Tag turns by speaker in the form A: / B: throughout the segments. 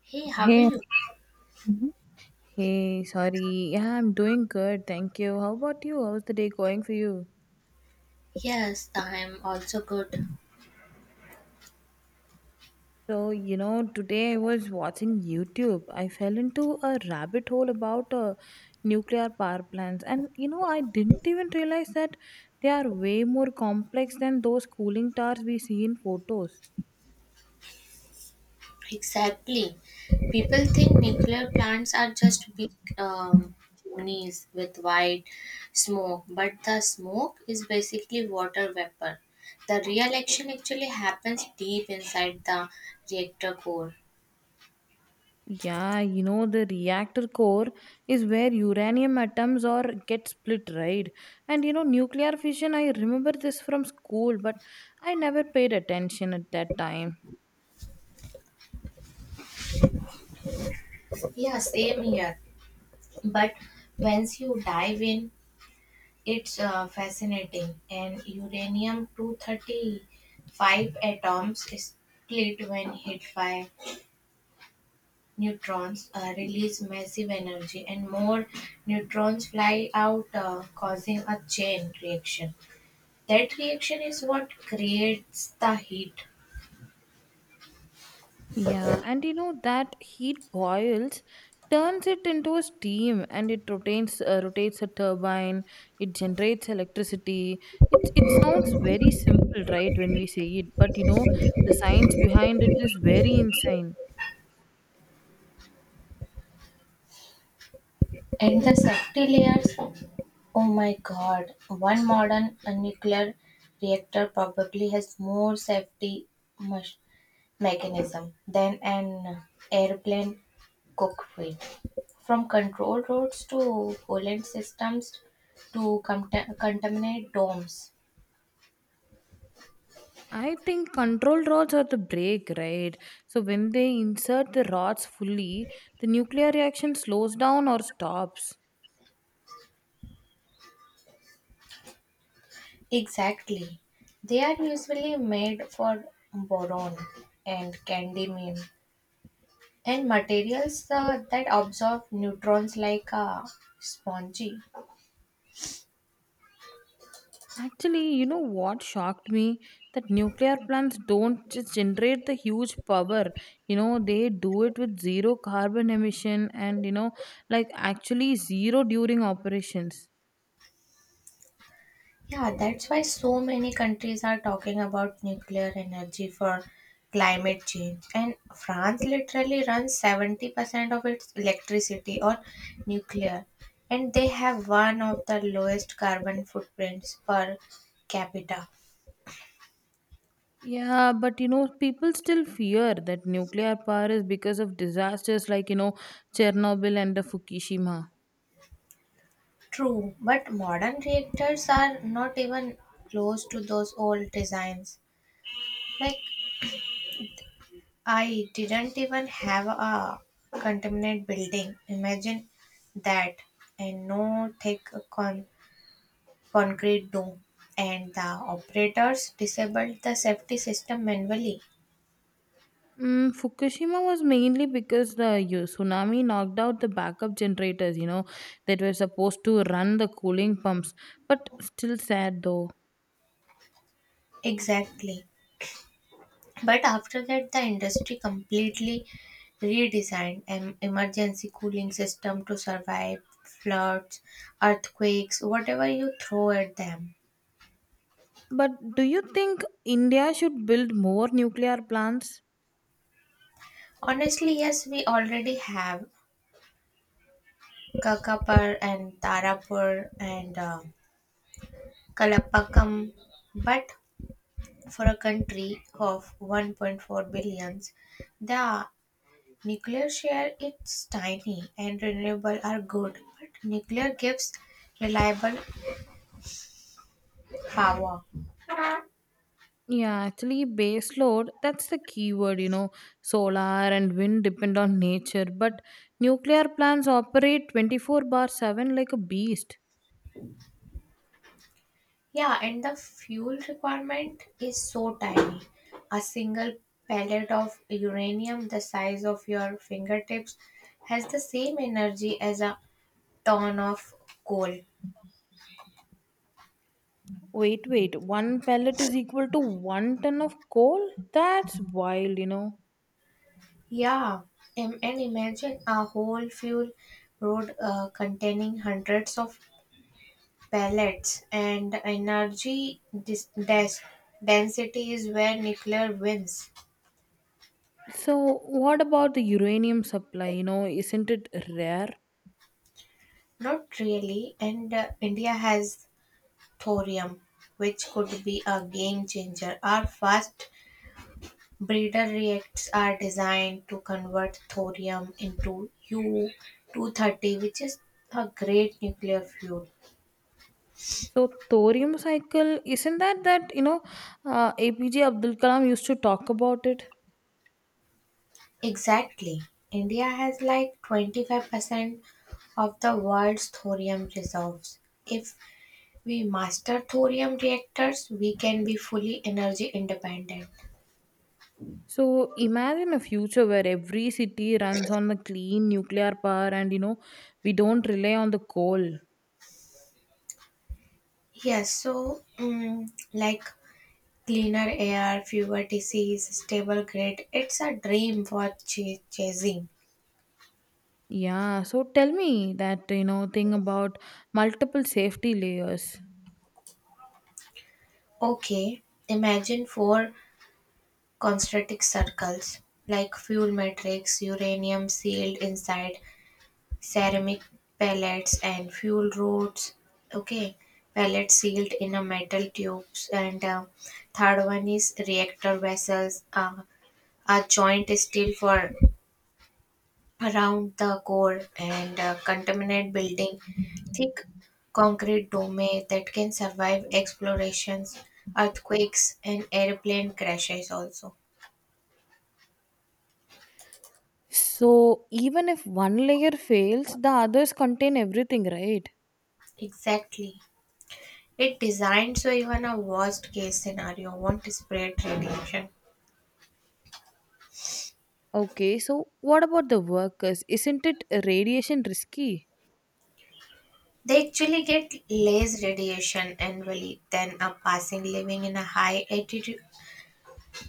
A: Hey, how are
B: Hey.
A: you?
B: Mhm. Hey, sorry. Yeah, I'm doing good. Thank you. How about you? How's the day going for you?
A: Yes, I'm also good.
B: So, you know, today I was watching YouTube. I fell into a rabbit hole about nuclear power plants. And, you know, I didn't even realize that they are way more complex than those cooling towers we see in photos.
A: Exactly. People think nuclear plants are just big um, chimneys with white smoke, but the smoke is basically water vapor. The real action actually happens deep inside the reactor core.
B: Yeah, you know, the reactor core is where uranium atoms or get split, right? And you know, nuclear fission, I remember this from school, but I never paid attention at that time.
A: Yeah, same here. But once you dive in, it's fascinating. And uranium 235 atoms split when hit by neutrons, release massive energy, and more neutrons fly out, causing a chain reaction. That reaction is what creates the heat.
B: Yeah, and you know, that heat boils, turns it into a steam and it rotates a turbine, it generates electricity. It sounds very simple, right, when we say it, but you know, the science behind it is very insane.
A: And the safety layers, oh my god, one modern nuclear reactor probably has more safety mech- mechanism than an airplane cockpit. From control rods to coolant systems to contaminate domes.
B: I think control rods are the brake, right? So when they insert the rods fully, the nuclear reaction slows down or stops.
A: Exactly. They are usually made for boron and cadmium and materials that absorb neutrons like a spongy.
B: Actually, you know what shocked me? That nuclear plants don't just generate the huge power. You know, they do it with zero carbon emission and, you know, like actually zero during operations.
A: Yeah, that's why so many countries are talking about nuclear energy for climate change. And France literally runs 70% of its electricity on nuclear. And they have one of the lowest carbon footprints per capita.
B: Yeah, but you know, people still fear that nuclear power is because of disasters like, you know, Chernobyl and the Fukushima.
A: True, but modern reactors are not even close to those old designs. Like, I didn't even have a contaminant building. Imagine that, and no thick con- concrete dome, and the operators disabled the safety system manually.
B: Fukushima was mainly because the tsunami knocked out the backup generators, you know, that were supposed to run the cooling pumps. But still sad though.
A: Exactly. But after that, the industry completely redesigned an emergency cooling system to survive floods, earthquakes, whatever you throw at them.
B: But do you think India should build more nuclear plants?
A: Honestly, yes, we already have Kakapur and Tarapur and Kalapakam, but for a country of 1.4 billions, the nuclear share it's tiny and renewable are good, but nuclear gives reliable power.
B: Yeah, actually, base load that's the key word, you know. Solar and wind depend on nature, but nuclear plants operate 24/7 like a beast.
A: Yeah, and the fuel requirement is so tiny. A single pellet of uranium the size of your fingertips has the same energy as a ton of coal.
B: Wait, wait, one pellet is equal to one ton of coal? That's wild, you know.
A: Yeah, and imagine a whole fuel road containing hundreds of pellets, and energy density is where nuclear wins.
B: So, what about the uranium supply? You know, isn't it rare?
A: Not really, and India has thorium, which could be a game changer. Our fast breeder reactors are designed to convert thorium into U-230, which is a great nuclear fuel.
B: So, thorium cycle, isn't that that, you know, APJ Abdul Kalam used to talk about it?
A: Exactly. India has like 25% of the world's thorium reserves. If we master thorium reactors, we can be fully energy independent.
B: So, imagine a future where every city runs on the clean nuclear power and, you know, we don't rely on the coal.
A: Yes, so like cleaner air, fewer disease, stable grid. It's a dream worth chasing.
B: Yeah, so tell me that, you know, thing about multiple safety layers.
A: Okay, imagine four concentric circles, like fuel matrix, uranium sealed inside ceramic pellets and fuel rods. Okay, pellets sealed in a metal tubes and third one is reactor vessels, a joint steel for around the core, and contaminate building, thick concrete dome that can survive explorations, earthquakes, and airplane crashes also.
B: So, even if one layer fails, the others contain everything, right?
A: Exactly. It designed so even a worst case scenario won't spread radiation.
B: Okay, so what about the workers? Isn't it radiation risky?
A: They actually get less radiation annually than a person living in a high altitude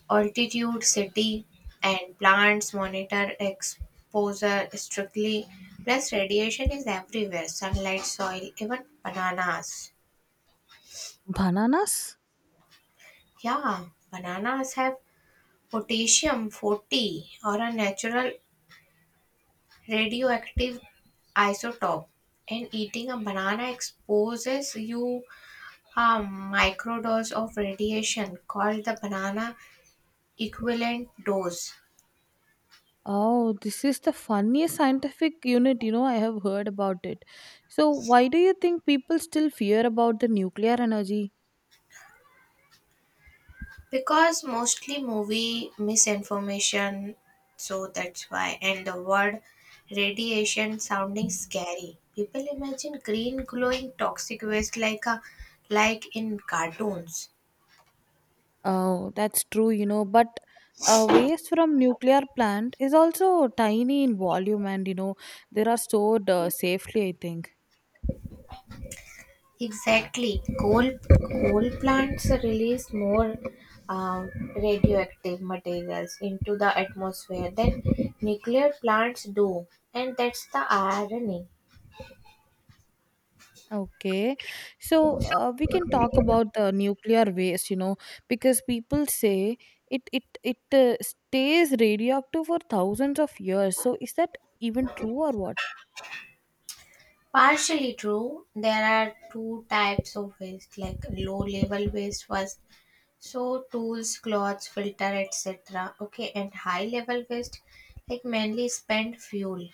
A: City, and plants monitor exposure strictly. Plus, radiation is everywhere: sunlight, soil, even bananas.
B: Bananas?
A: Yeah, bananas have potassium 40 or a natural radioactive isotope. And eating a banana exposes you a microdose of radiation called the banana equivalent dose.
B: Oh, this is the funniest scientific unit, you know, I have heard about it. So, why do you think people still fear about the nuclear energy?
A: Because mostly movie misinformation, so that's why. And the word radiation sounding scary. People imagine green glowing toxic waste, like in cartoons.
B: Oh, that's true, you know, but waste from nuclear plant is also tiny in volume and, you know, they are stored safely, I think.
A: Exactly, coal plants release more um, radioactive materials into the atmosphere than nuclear plants do, and that's the irony.
B: Okay. So we can talk about the nuclear waste, you know, because people say it stays radioactive for thousands of years. So is that even true or what?
A: Partially true. There are two types of waste, like low level waste first. So tools, clothes, filter, etc. Okay, and high level waste, like mainly spent fuel.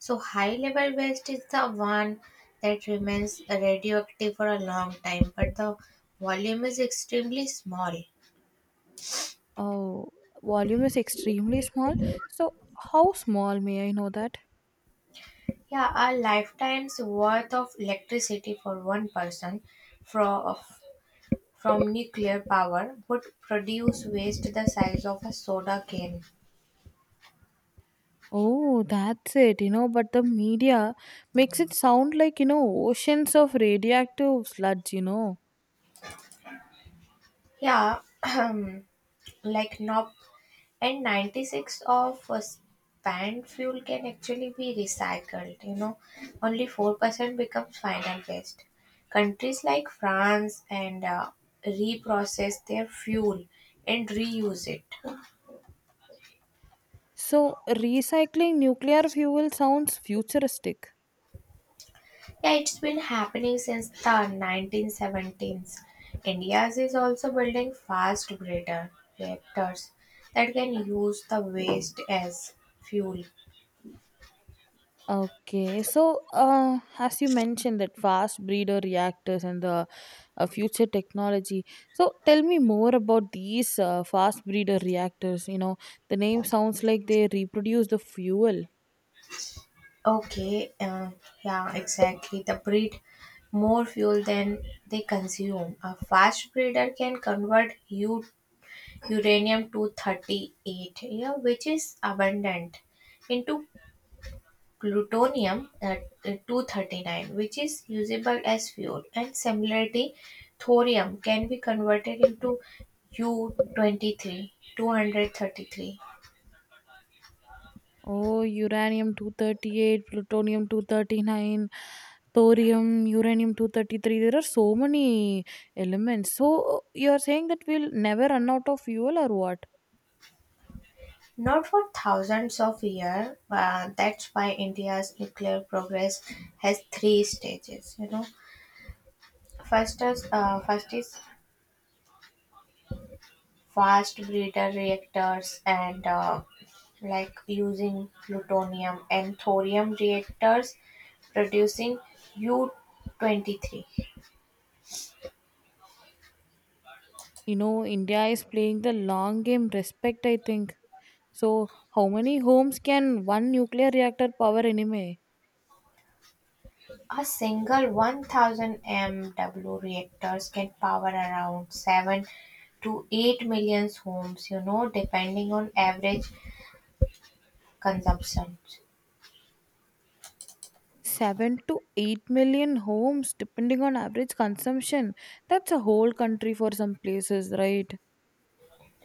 A: So high level waste is the one that remains radioactive for a long time, but the volume is extremely small.
B: Oh, volume is extremely small. So how small may I know that?
A: Yeah, a lifetime's worth of electricity for one person from from nuclear power would produce waste the size of a soda can.
B: Oh, that's it, you know, but the media makes it sound like, you know, oceans of radioactive sludge, you know.
A: Yeah, like NOP and 96 of spent fuel can actually be recycled, only 4% becomes final waste. Countries like France and reprocess their fuel and reuse it.
B: So recycling nuclear fuel sounds futuristic.
A: Yeah, it's been happening since the 1970s. India's is also building fast breeder reactors that can use the waste as fuel.
B: Okay, so as you mentioned that fast breeder reactors and the future technology. So tell me more about these fast breeder reactors. You know, the name sounds like they reproduce the fuel.
A: Okay, yeah, exactly. The breed more fuel than they consume. A fast breeder can convert uranium to 38, yeah, which is abundant, into plutonium at 239, which is usable as fuel, and similarly thorium can be converted into u-23 233.
B: Oh, uranium 238, plutonium 239, thorium, uranium 233. There are so many elements. So you are saying that we'll never run out of fuel or what?
A: Not for thousands of years, that's why India's nuclear progress has three stages, first is fast breeder reactors, and like using plutonium and thorium reactors producing U-23.
B: You know, India is playing the long game respect, I think. So, how many homes can one nuclear reactor power anyway?
A: A single 1000 MW reactors can power around 7 to 8 million homes, depending on average consumption.
B: 7 to 8 million homes, depending on average consumption. That's a whole country for some places, right?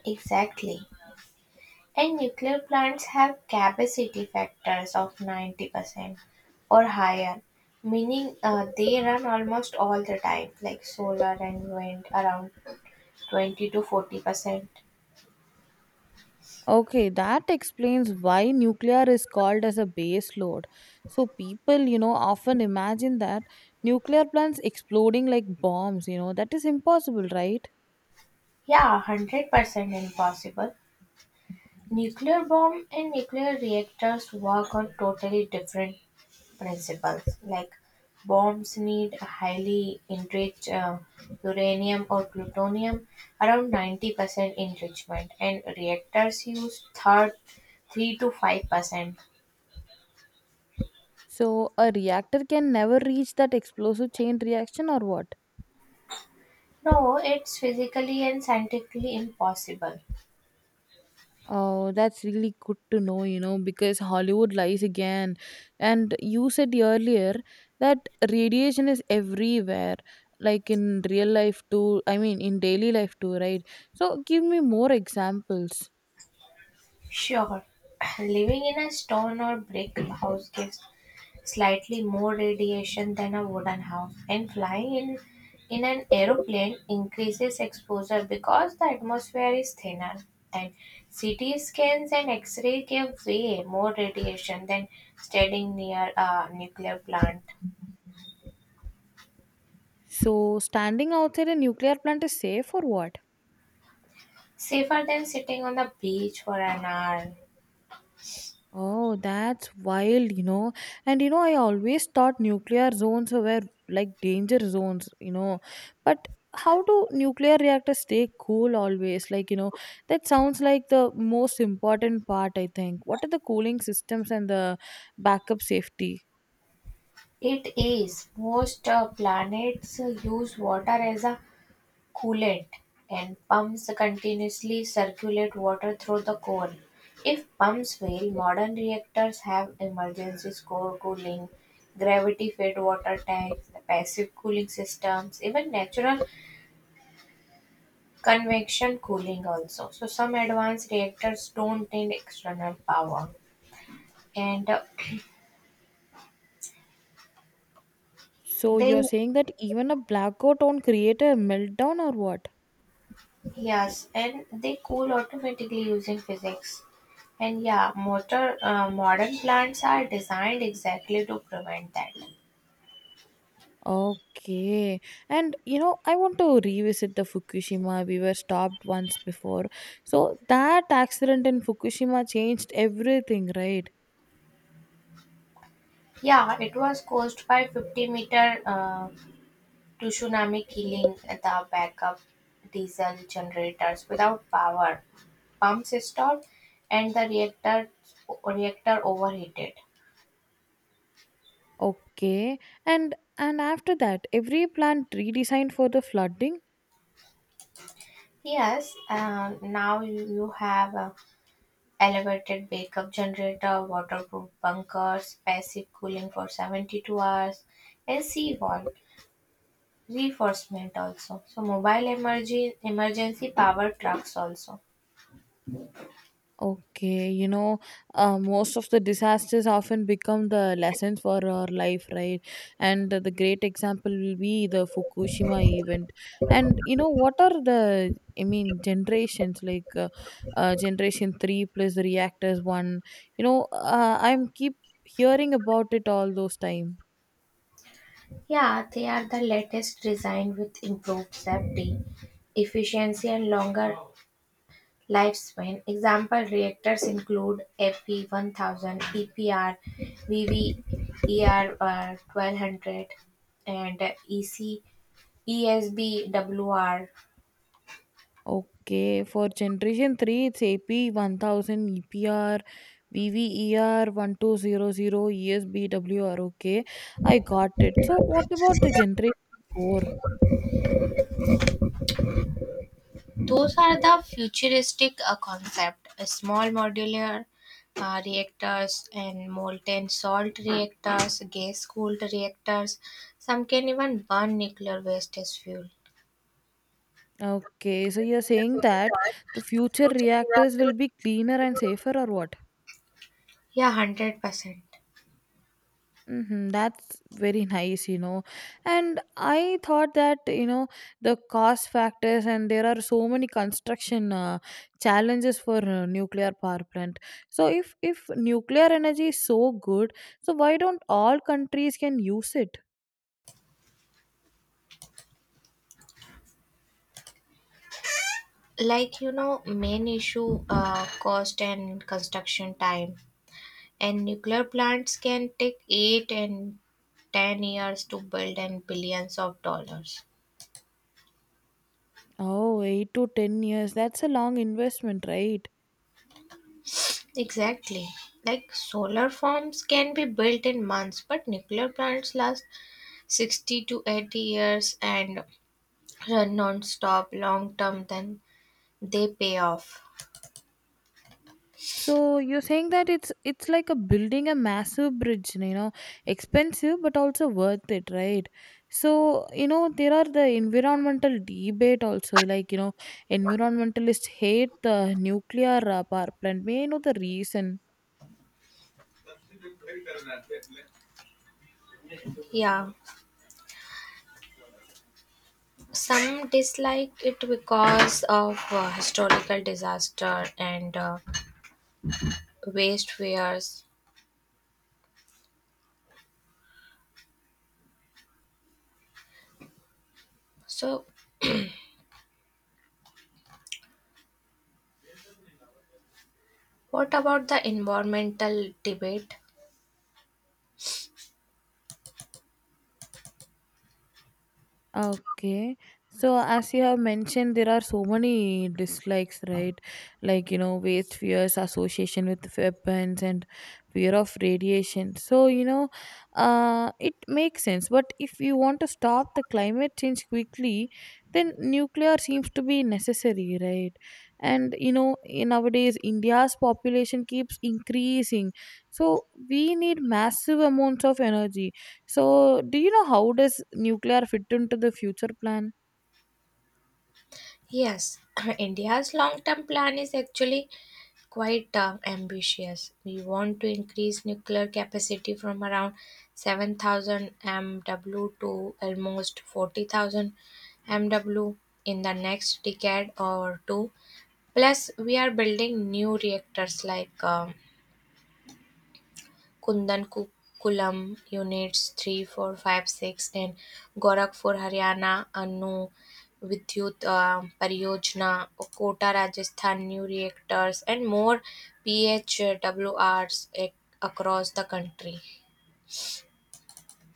A: Exactly. And nuclear plants have capacity factors of 90% or higher, meaning they run almost all the time, like solar and wind around 20 to 40%.
B: Okay, that explains why nuclear is called as a base load. So, people, you know, often imagine that nuclear plants exploding like bombs, you know, that is impossible, right?
A: Yeah, 100% impossible. Nuclear bomb and nuclear reactors work on totally different principles, like bombs need highly enriched uranium or plutonium, around 90% enrichment, and reactors use third 3 to 5%.
B: So, a reactor can never reach that explosive chain reaction or what?
A: No, it's physically and scientifically impossible.
B: Oh, that's really good to know, you know, because Hollywood lies again. And you said earlier that radiation is everywhere, like in real life too. I mean, in daily life too, right? So, give me more examples.
A: Sure, living in a stone or brick house gives slightly more radiation than a wooden house. And flying in an aeroplane increases exposure because the atmosphere is thinner. And CT scans and X-ray give way more radiation than standing near a nuclear plant.
B: So, standing outside a nuclear plant is safe or what?
A: Safer than sitting on the beach for an hour.
B: Oh, that's wild, you know. And you know, I always thought nuclear zones were like danger zones, you know. But how do nuclear reactors stay cool always? Like, you know, that sounds like the most important part, I think. What are the cooling systems and the backup safety?
A: It is. Most planets use water as a coolant, and pumps continuously circulate water through the core. If pumps fail, modern reactors have emergency core cooling, gravity fed water tanks, passive cooling systems, even natural convection cooling also. So some advanced reactors don't need external power and
B: So you're
A: they
B: saying that even a blackout won't create a meltdown or what?
A: Yes, and they cool automatically using physics. And yeah, modern plants are designed exactly to prevent that.
B: Okay. And you know, I want to revisit the Fukushima. We were stopped once before. So that accident in Fukushima changed everything, right?
A: Yeah, it was caused by 50 meter tsunami killing the backup diesel generators without power. Pumps stopped and the reactor overheated.
B: Okay. And after that, every plant redesigned for the flooding.
A: Yes, now you have elevated backup generator, waterproof bunkers, passive cooling for 72 hours, and seawall reinforcement also. So mobile emergency power trucks also.
B: Okay, you know, most of the disasters often become the lessons for our life, right? And the great example will be the Fukushima event. And you know, what are the, I mean, generations like generation 3 plus the reactors one? You know, I'm keep hearing about it all those time.
A: Yeah, they are the latest design with improved safety, efficiency, and longer lifespan. Example reactors include AP 1000 EPR, VVER1200, and EC ESBWR.
B: Okay, for generation 3, it's AP 1000, EPR VVER 12 1200, ESBWR. Okay, I got it. So, what about the generation 4?
A: Those are the futuristic concept, small modular reactors, and molten salt reactors, gas cooled reactors. Some can even burn nuclear waste as fuel.
B: Okay, so you're saying that the future reactors will be cleaner and safer, or what?
A: Yeah, 100%.
B: Mm-hmm, that's very nice, you know. And I thought that, you know, the cost factors and there are so many construction challenges for nuclear power plant. So if nuclear energy is so good, so why don't all countries can use it?
A: Like, main issue, cost and construction time. And nuclear plants can take 8 and 10 years to build and billions of dollars.
B: Oh, 8 to 10 years. That's a long investment, right?
A: Exactly. Like solar farms can be built in months, but nuclear plants last 60 to 80 years and run non-stop long term, then they pay off.
B: So you're saying that it's like a building a massive bridge, you know, expensive but also worth it, right? So you know there are the environmental debate also, like you know, environmentalists hate the nuclear power plant. May I know the reason?
A: Yeah. Some dislike it because of historical disaster and waste fears. So what about the environmental debate?
B: Okay. So, as you have mentioned, there are so many dislikes, right? Like, you know, waste fears, association with weapons, and fear of radiation. So, you know, it makes sense. But if you want to stop the climate change quickly, then nuclear seems to be necessary, right? And, you know, in nowadays, India's population keeps increasing. So, we need massive amounts of energy so, do you know how does nuclear fit into the future plan?
A: Yes, India's long term plan is actually quite ambitious. We want to increase nuclear capacity from around 7,000 MW to almost 40,000 MW in the next decade or two. Plus, we are building new reactors like Kudankulam units 3, 4, 5, 6, and Gorakhpur, Haryana, Anu Vidyut Pariyojana, Kota, Rajasthan, new reactors, and more PHWRs across the country.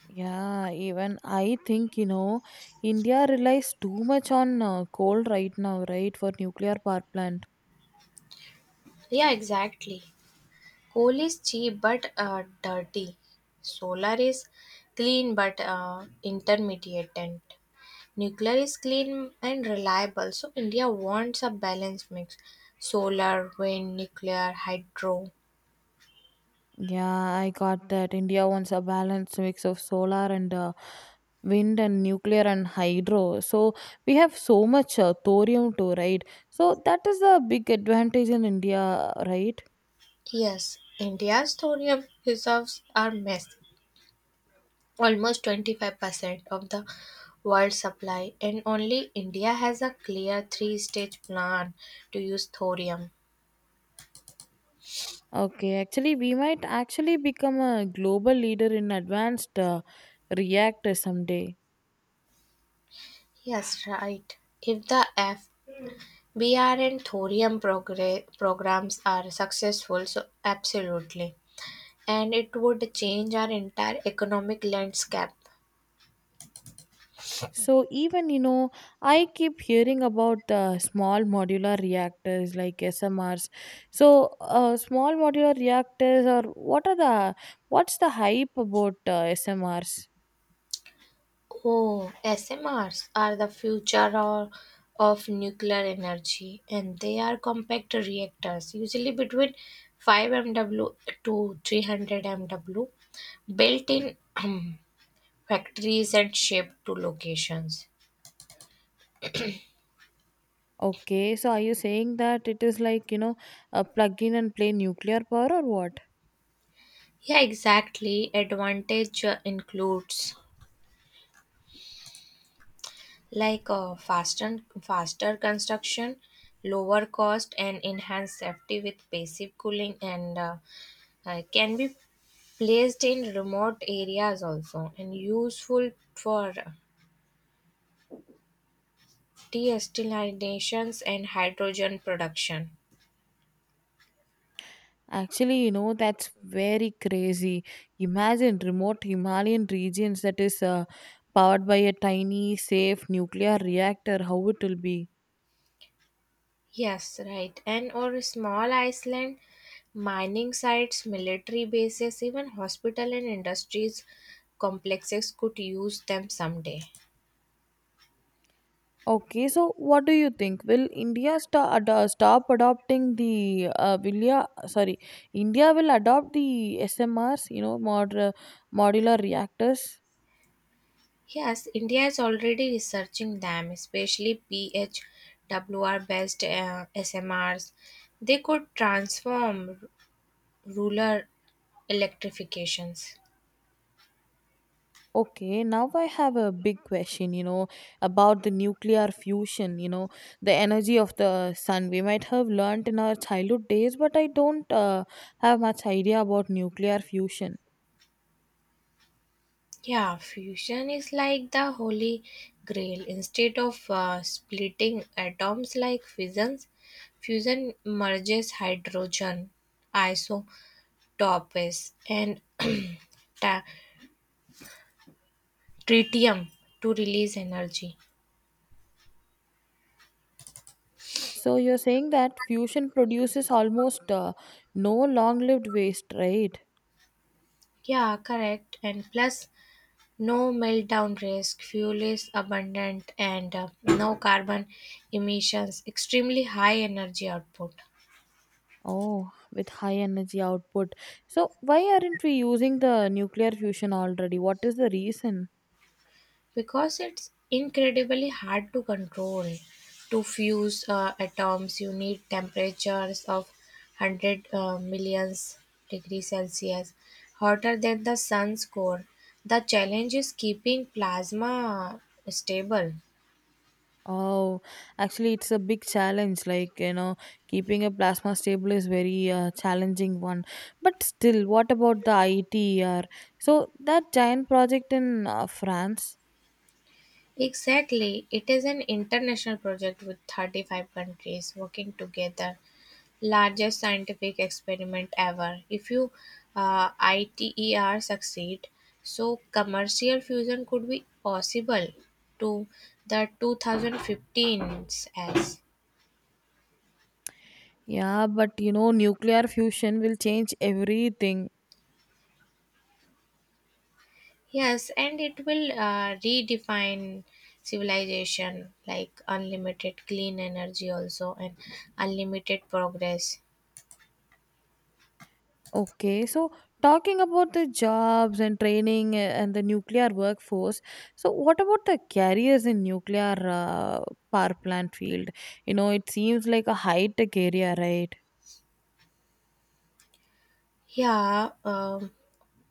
B: Yeah, even I think, you know, India relies too much on coal right now, right, for nuclear power plant.
A: Yeah, exactly. Coal is cheap but dirty. Solar is clean but intermediate. Nuclear is clean and reliable, so India wants a balanced mix: solar, wind, nuclear, hydro.
B: Yeah, I got that. India wants a balanced mix of solar and wind and nuclear and hydro. So we have so much thorium too, right? So that is a big advantage in India, right?
A: Yes, India's thorium reserves are massive, almost 25% of the world supply, and only India has a clear three stage plan to use thorium.
B: Okay, actually, we might actually become a global leader in advanced reactors someday.
A: Yes, right. If the FBR and thorium programs are successful, so absolutely. And it would change our entire economic landscape.
B: So, even you know, I keep hearing about the small modular reactors like SMRs. So, small modular reactors, or what are the what's the hype about SMRs?
A: Oh, SMRs are the future or of nuclear energy, and they are compact reactors, usually between 5 MW to 300 MW, built in factories and shipped to locations.
B: Okay, so are you saying that it is like you know, plug in and play nuclear power or what?
A: Yeah, exactly. Advantage includes, like, faster construction, lower cost, and enhanced safety with passive cooling, and can be placed in remote areas also, and useful for desalinations and hydrogen production.
B: Actually, you know, that's very crazy. Imagine remote Himalayan regions that is powered by a tiny, safe nuclear reactor. How it will be?
A: Yes, right. And or small island mining sites, military bases, even hospital and industries complexes could use them someday.
B: Okay, so what do you think? Will India stop adopting the will ya, sorry, India will adopt the SMRs, you know, modular reactors?
A: Yes, India is already researching them, especially PHWR based SMRs. They could transform rural electrifications.
B: Okay, now I have a big question, you know, about the nuclear fusion, you know, the energy of the sun. We might have learnt in our childhood days, but I don't have much idea about nuclear fusion.
A: Yeah, fusion is like the holy grail. Instead of splitting atoms like fissions, fusion merges hydrogen isotopes and ta- tritium to release energy.
B: So you're saying that fusion produces almost no long-lived waste, right?
A: Yeah, correct. And plus, no meltdown risk, fuel is abundant, and no carbon emissions, extremely high energy output.
B: Oh, with high energy output. So why aren't we using the nuclear fusion already? What is the reason?
A: Because it's incredibly hard to control. To fuse atoms, you need temperatures of 100 millions degrees Celsius, hotter than the sun's core. The challenge is keeping plasma stable.
B: Oh, actually, it's a big challenge. Like, you know, keeping a plasma stable is very challenging one. But still, what about the ITER? So that giant project in France?
A: Exactly. It is an international project with 35 countries working together. Largest scientific experiment ever. If you ITER succeed, so commercial fusion could be possible to the 2015s as.
B: Yeah, but you know, nuclear fusion will change everything.
A: Yes, and it will redefine civilization, like unlimited clean energy also, and unlimited progress.
B: Okay, so talking about the jobs and training and the nuclear workforce. So what about the careers in nuclear power plant field? You know, it seems like a high tech area, right?
A: Yeah,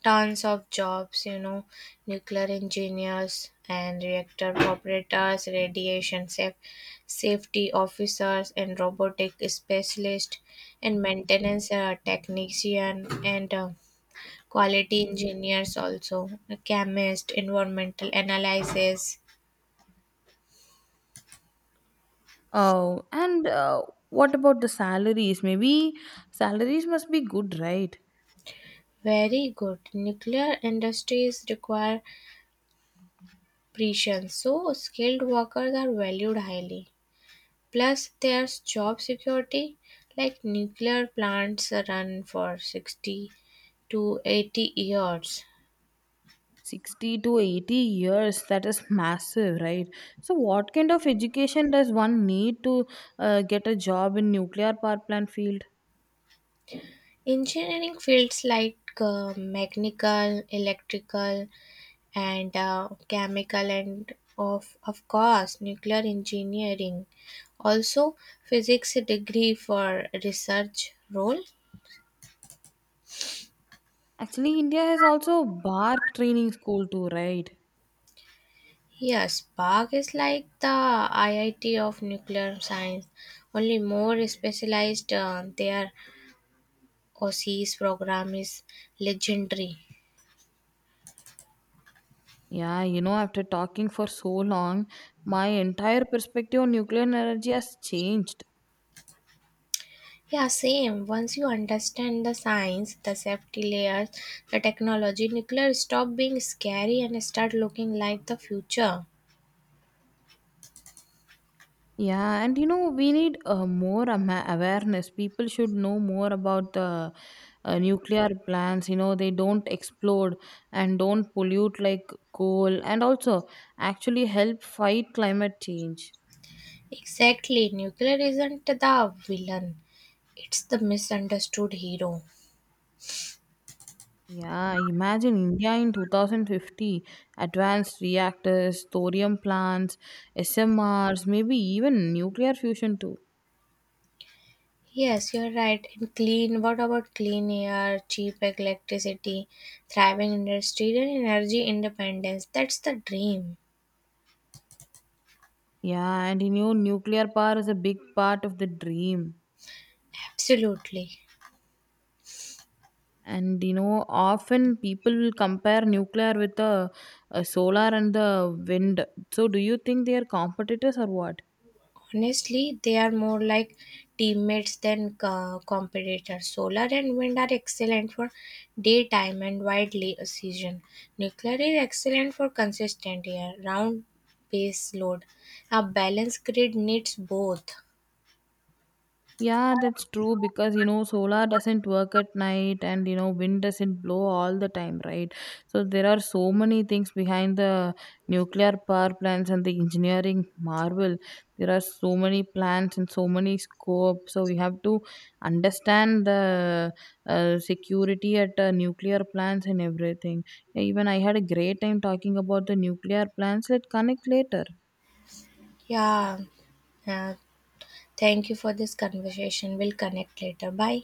A: tons of jobs, nuclear engineers and reactor operators, radiation safety officers and robotic specialists, and maintenance technician, and quality engineers also, a chemist, environmental analysis.
B: Oh, and what about the salaries? Maybe salaries must be good, right?
A: Very good. Nuclear industries require precision, so skilled workers are valued highly. Plus, there's job security, like nuclear plants run for 60 to 80 years.
B: 60 to 80 years, that is massive, right? So, what kind of education does one need to get a job in nuclear power plant field?
A: Engineering fields like mechanical, electrical, and chemical, and of course, nuclear engineering. Also, physics degree for research role.
B: Actually, India has also bark training school too, right?
A: Yes, Park is like the IIT of nuclear science, only more specialized. They are OCE's program is legendary.
B: Yeah, you know, after talking for so long, my entire perspective on nuclear energy has changed.
A: Yeah, same. Once you understand the science, the safety layers, the technology, nuclear stop being scary and start looking like the future.
B: Yeah, and you know, we need more awareness. People should know more about the nuclear plants. You know, they don't explode and don't pollute like coal, and also actually help fight climate change.
A: Exactly. Nuclear isn't the villain. It's the misunderstood hero.
B: Yeah, imagine India in 2050 advanced reactors, thorium plants, SMRs, maybe even nuclear fusion too.
A: Yes, you're right. And what about clean air, cheap electricity, thriving industry, and energy independence? That's the dream.
B: Yeah, and you know, nuclear power is a big part of the dream.
A: Absolutely.
B: And you know, often people will compare nuclear with the solar and the wind. So, do you think they are competitors or what?
A: Honestly, they are more like teammates than competitors. Solar and wind are excellent for daytime and widely a season. Nuclear is excellent for consistent year-round base load. A balanced grid needs both.
B: Yeah, that's true because you know solar doesn't work at night and you know wind doesn't blow all the time, right? So there are so many things behind the nuclear power plants and the engineering marvel. There are so many plans and so many scope. So we have to understand the security at nuclear plants and everything. Yeah, even I had a great time talking about the nuclear plants. Let's connect later.
A: Yeah. Uh, thank you for this conversation. We'll connect later. Bye.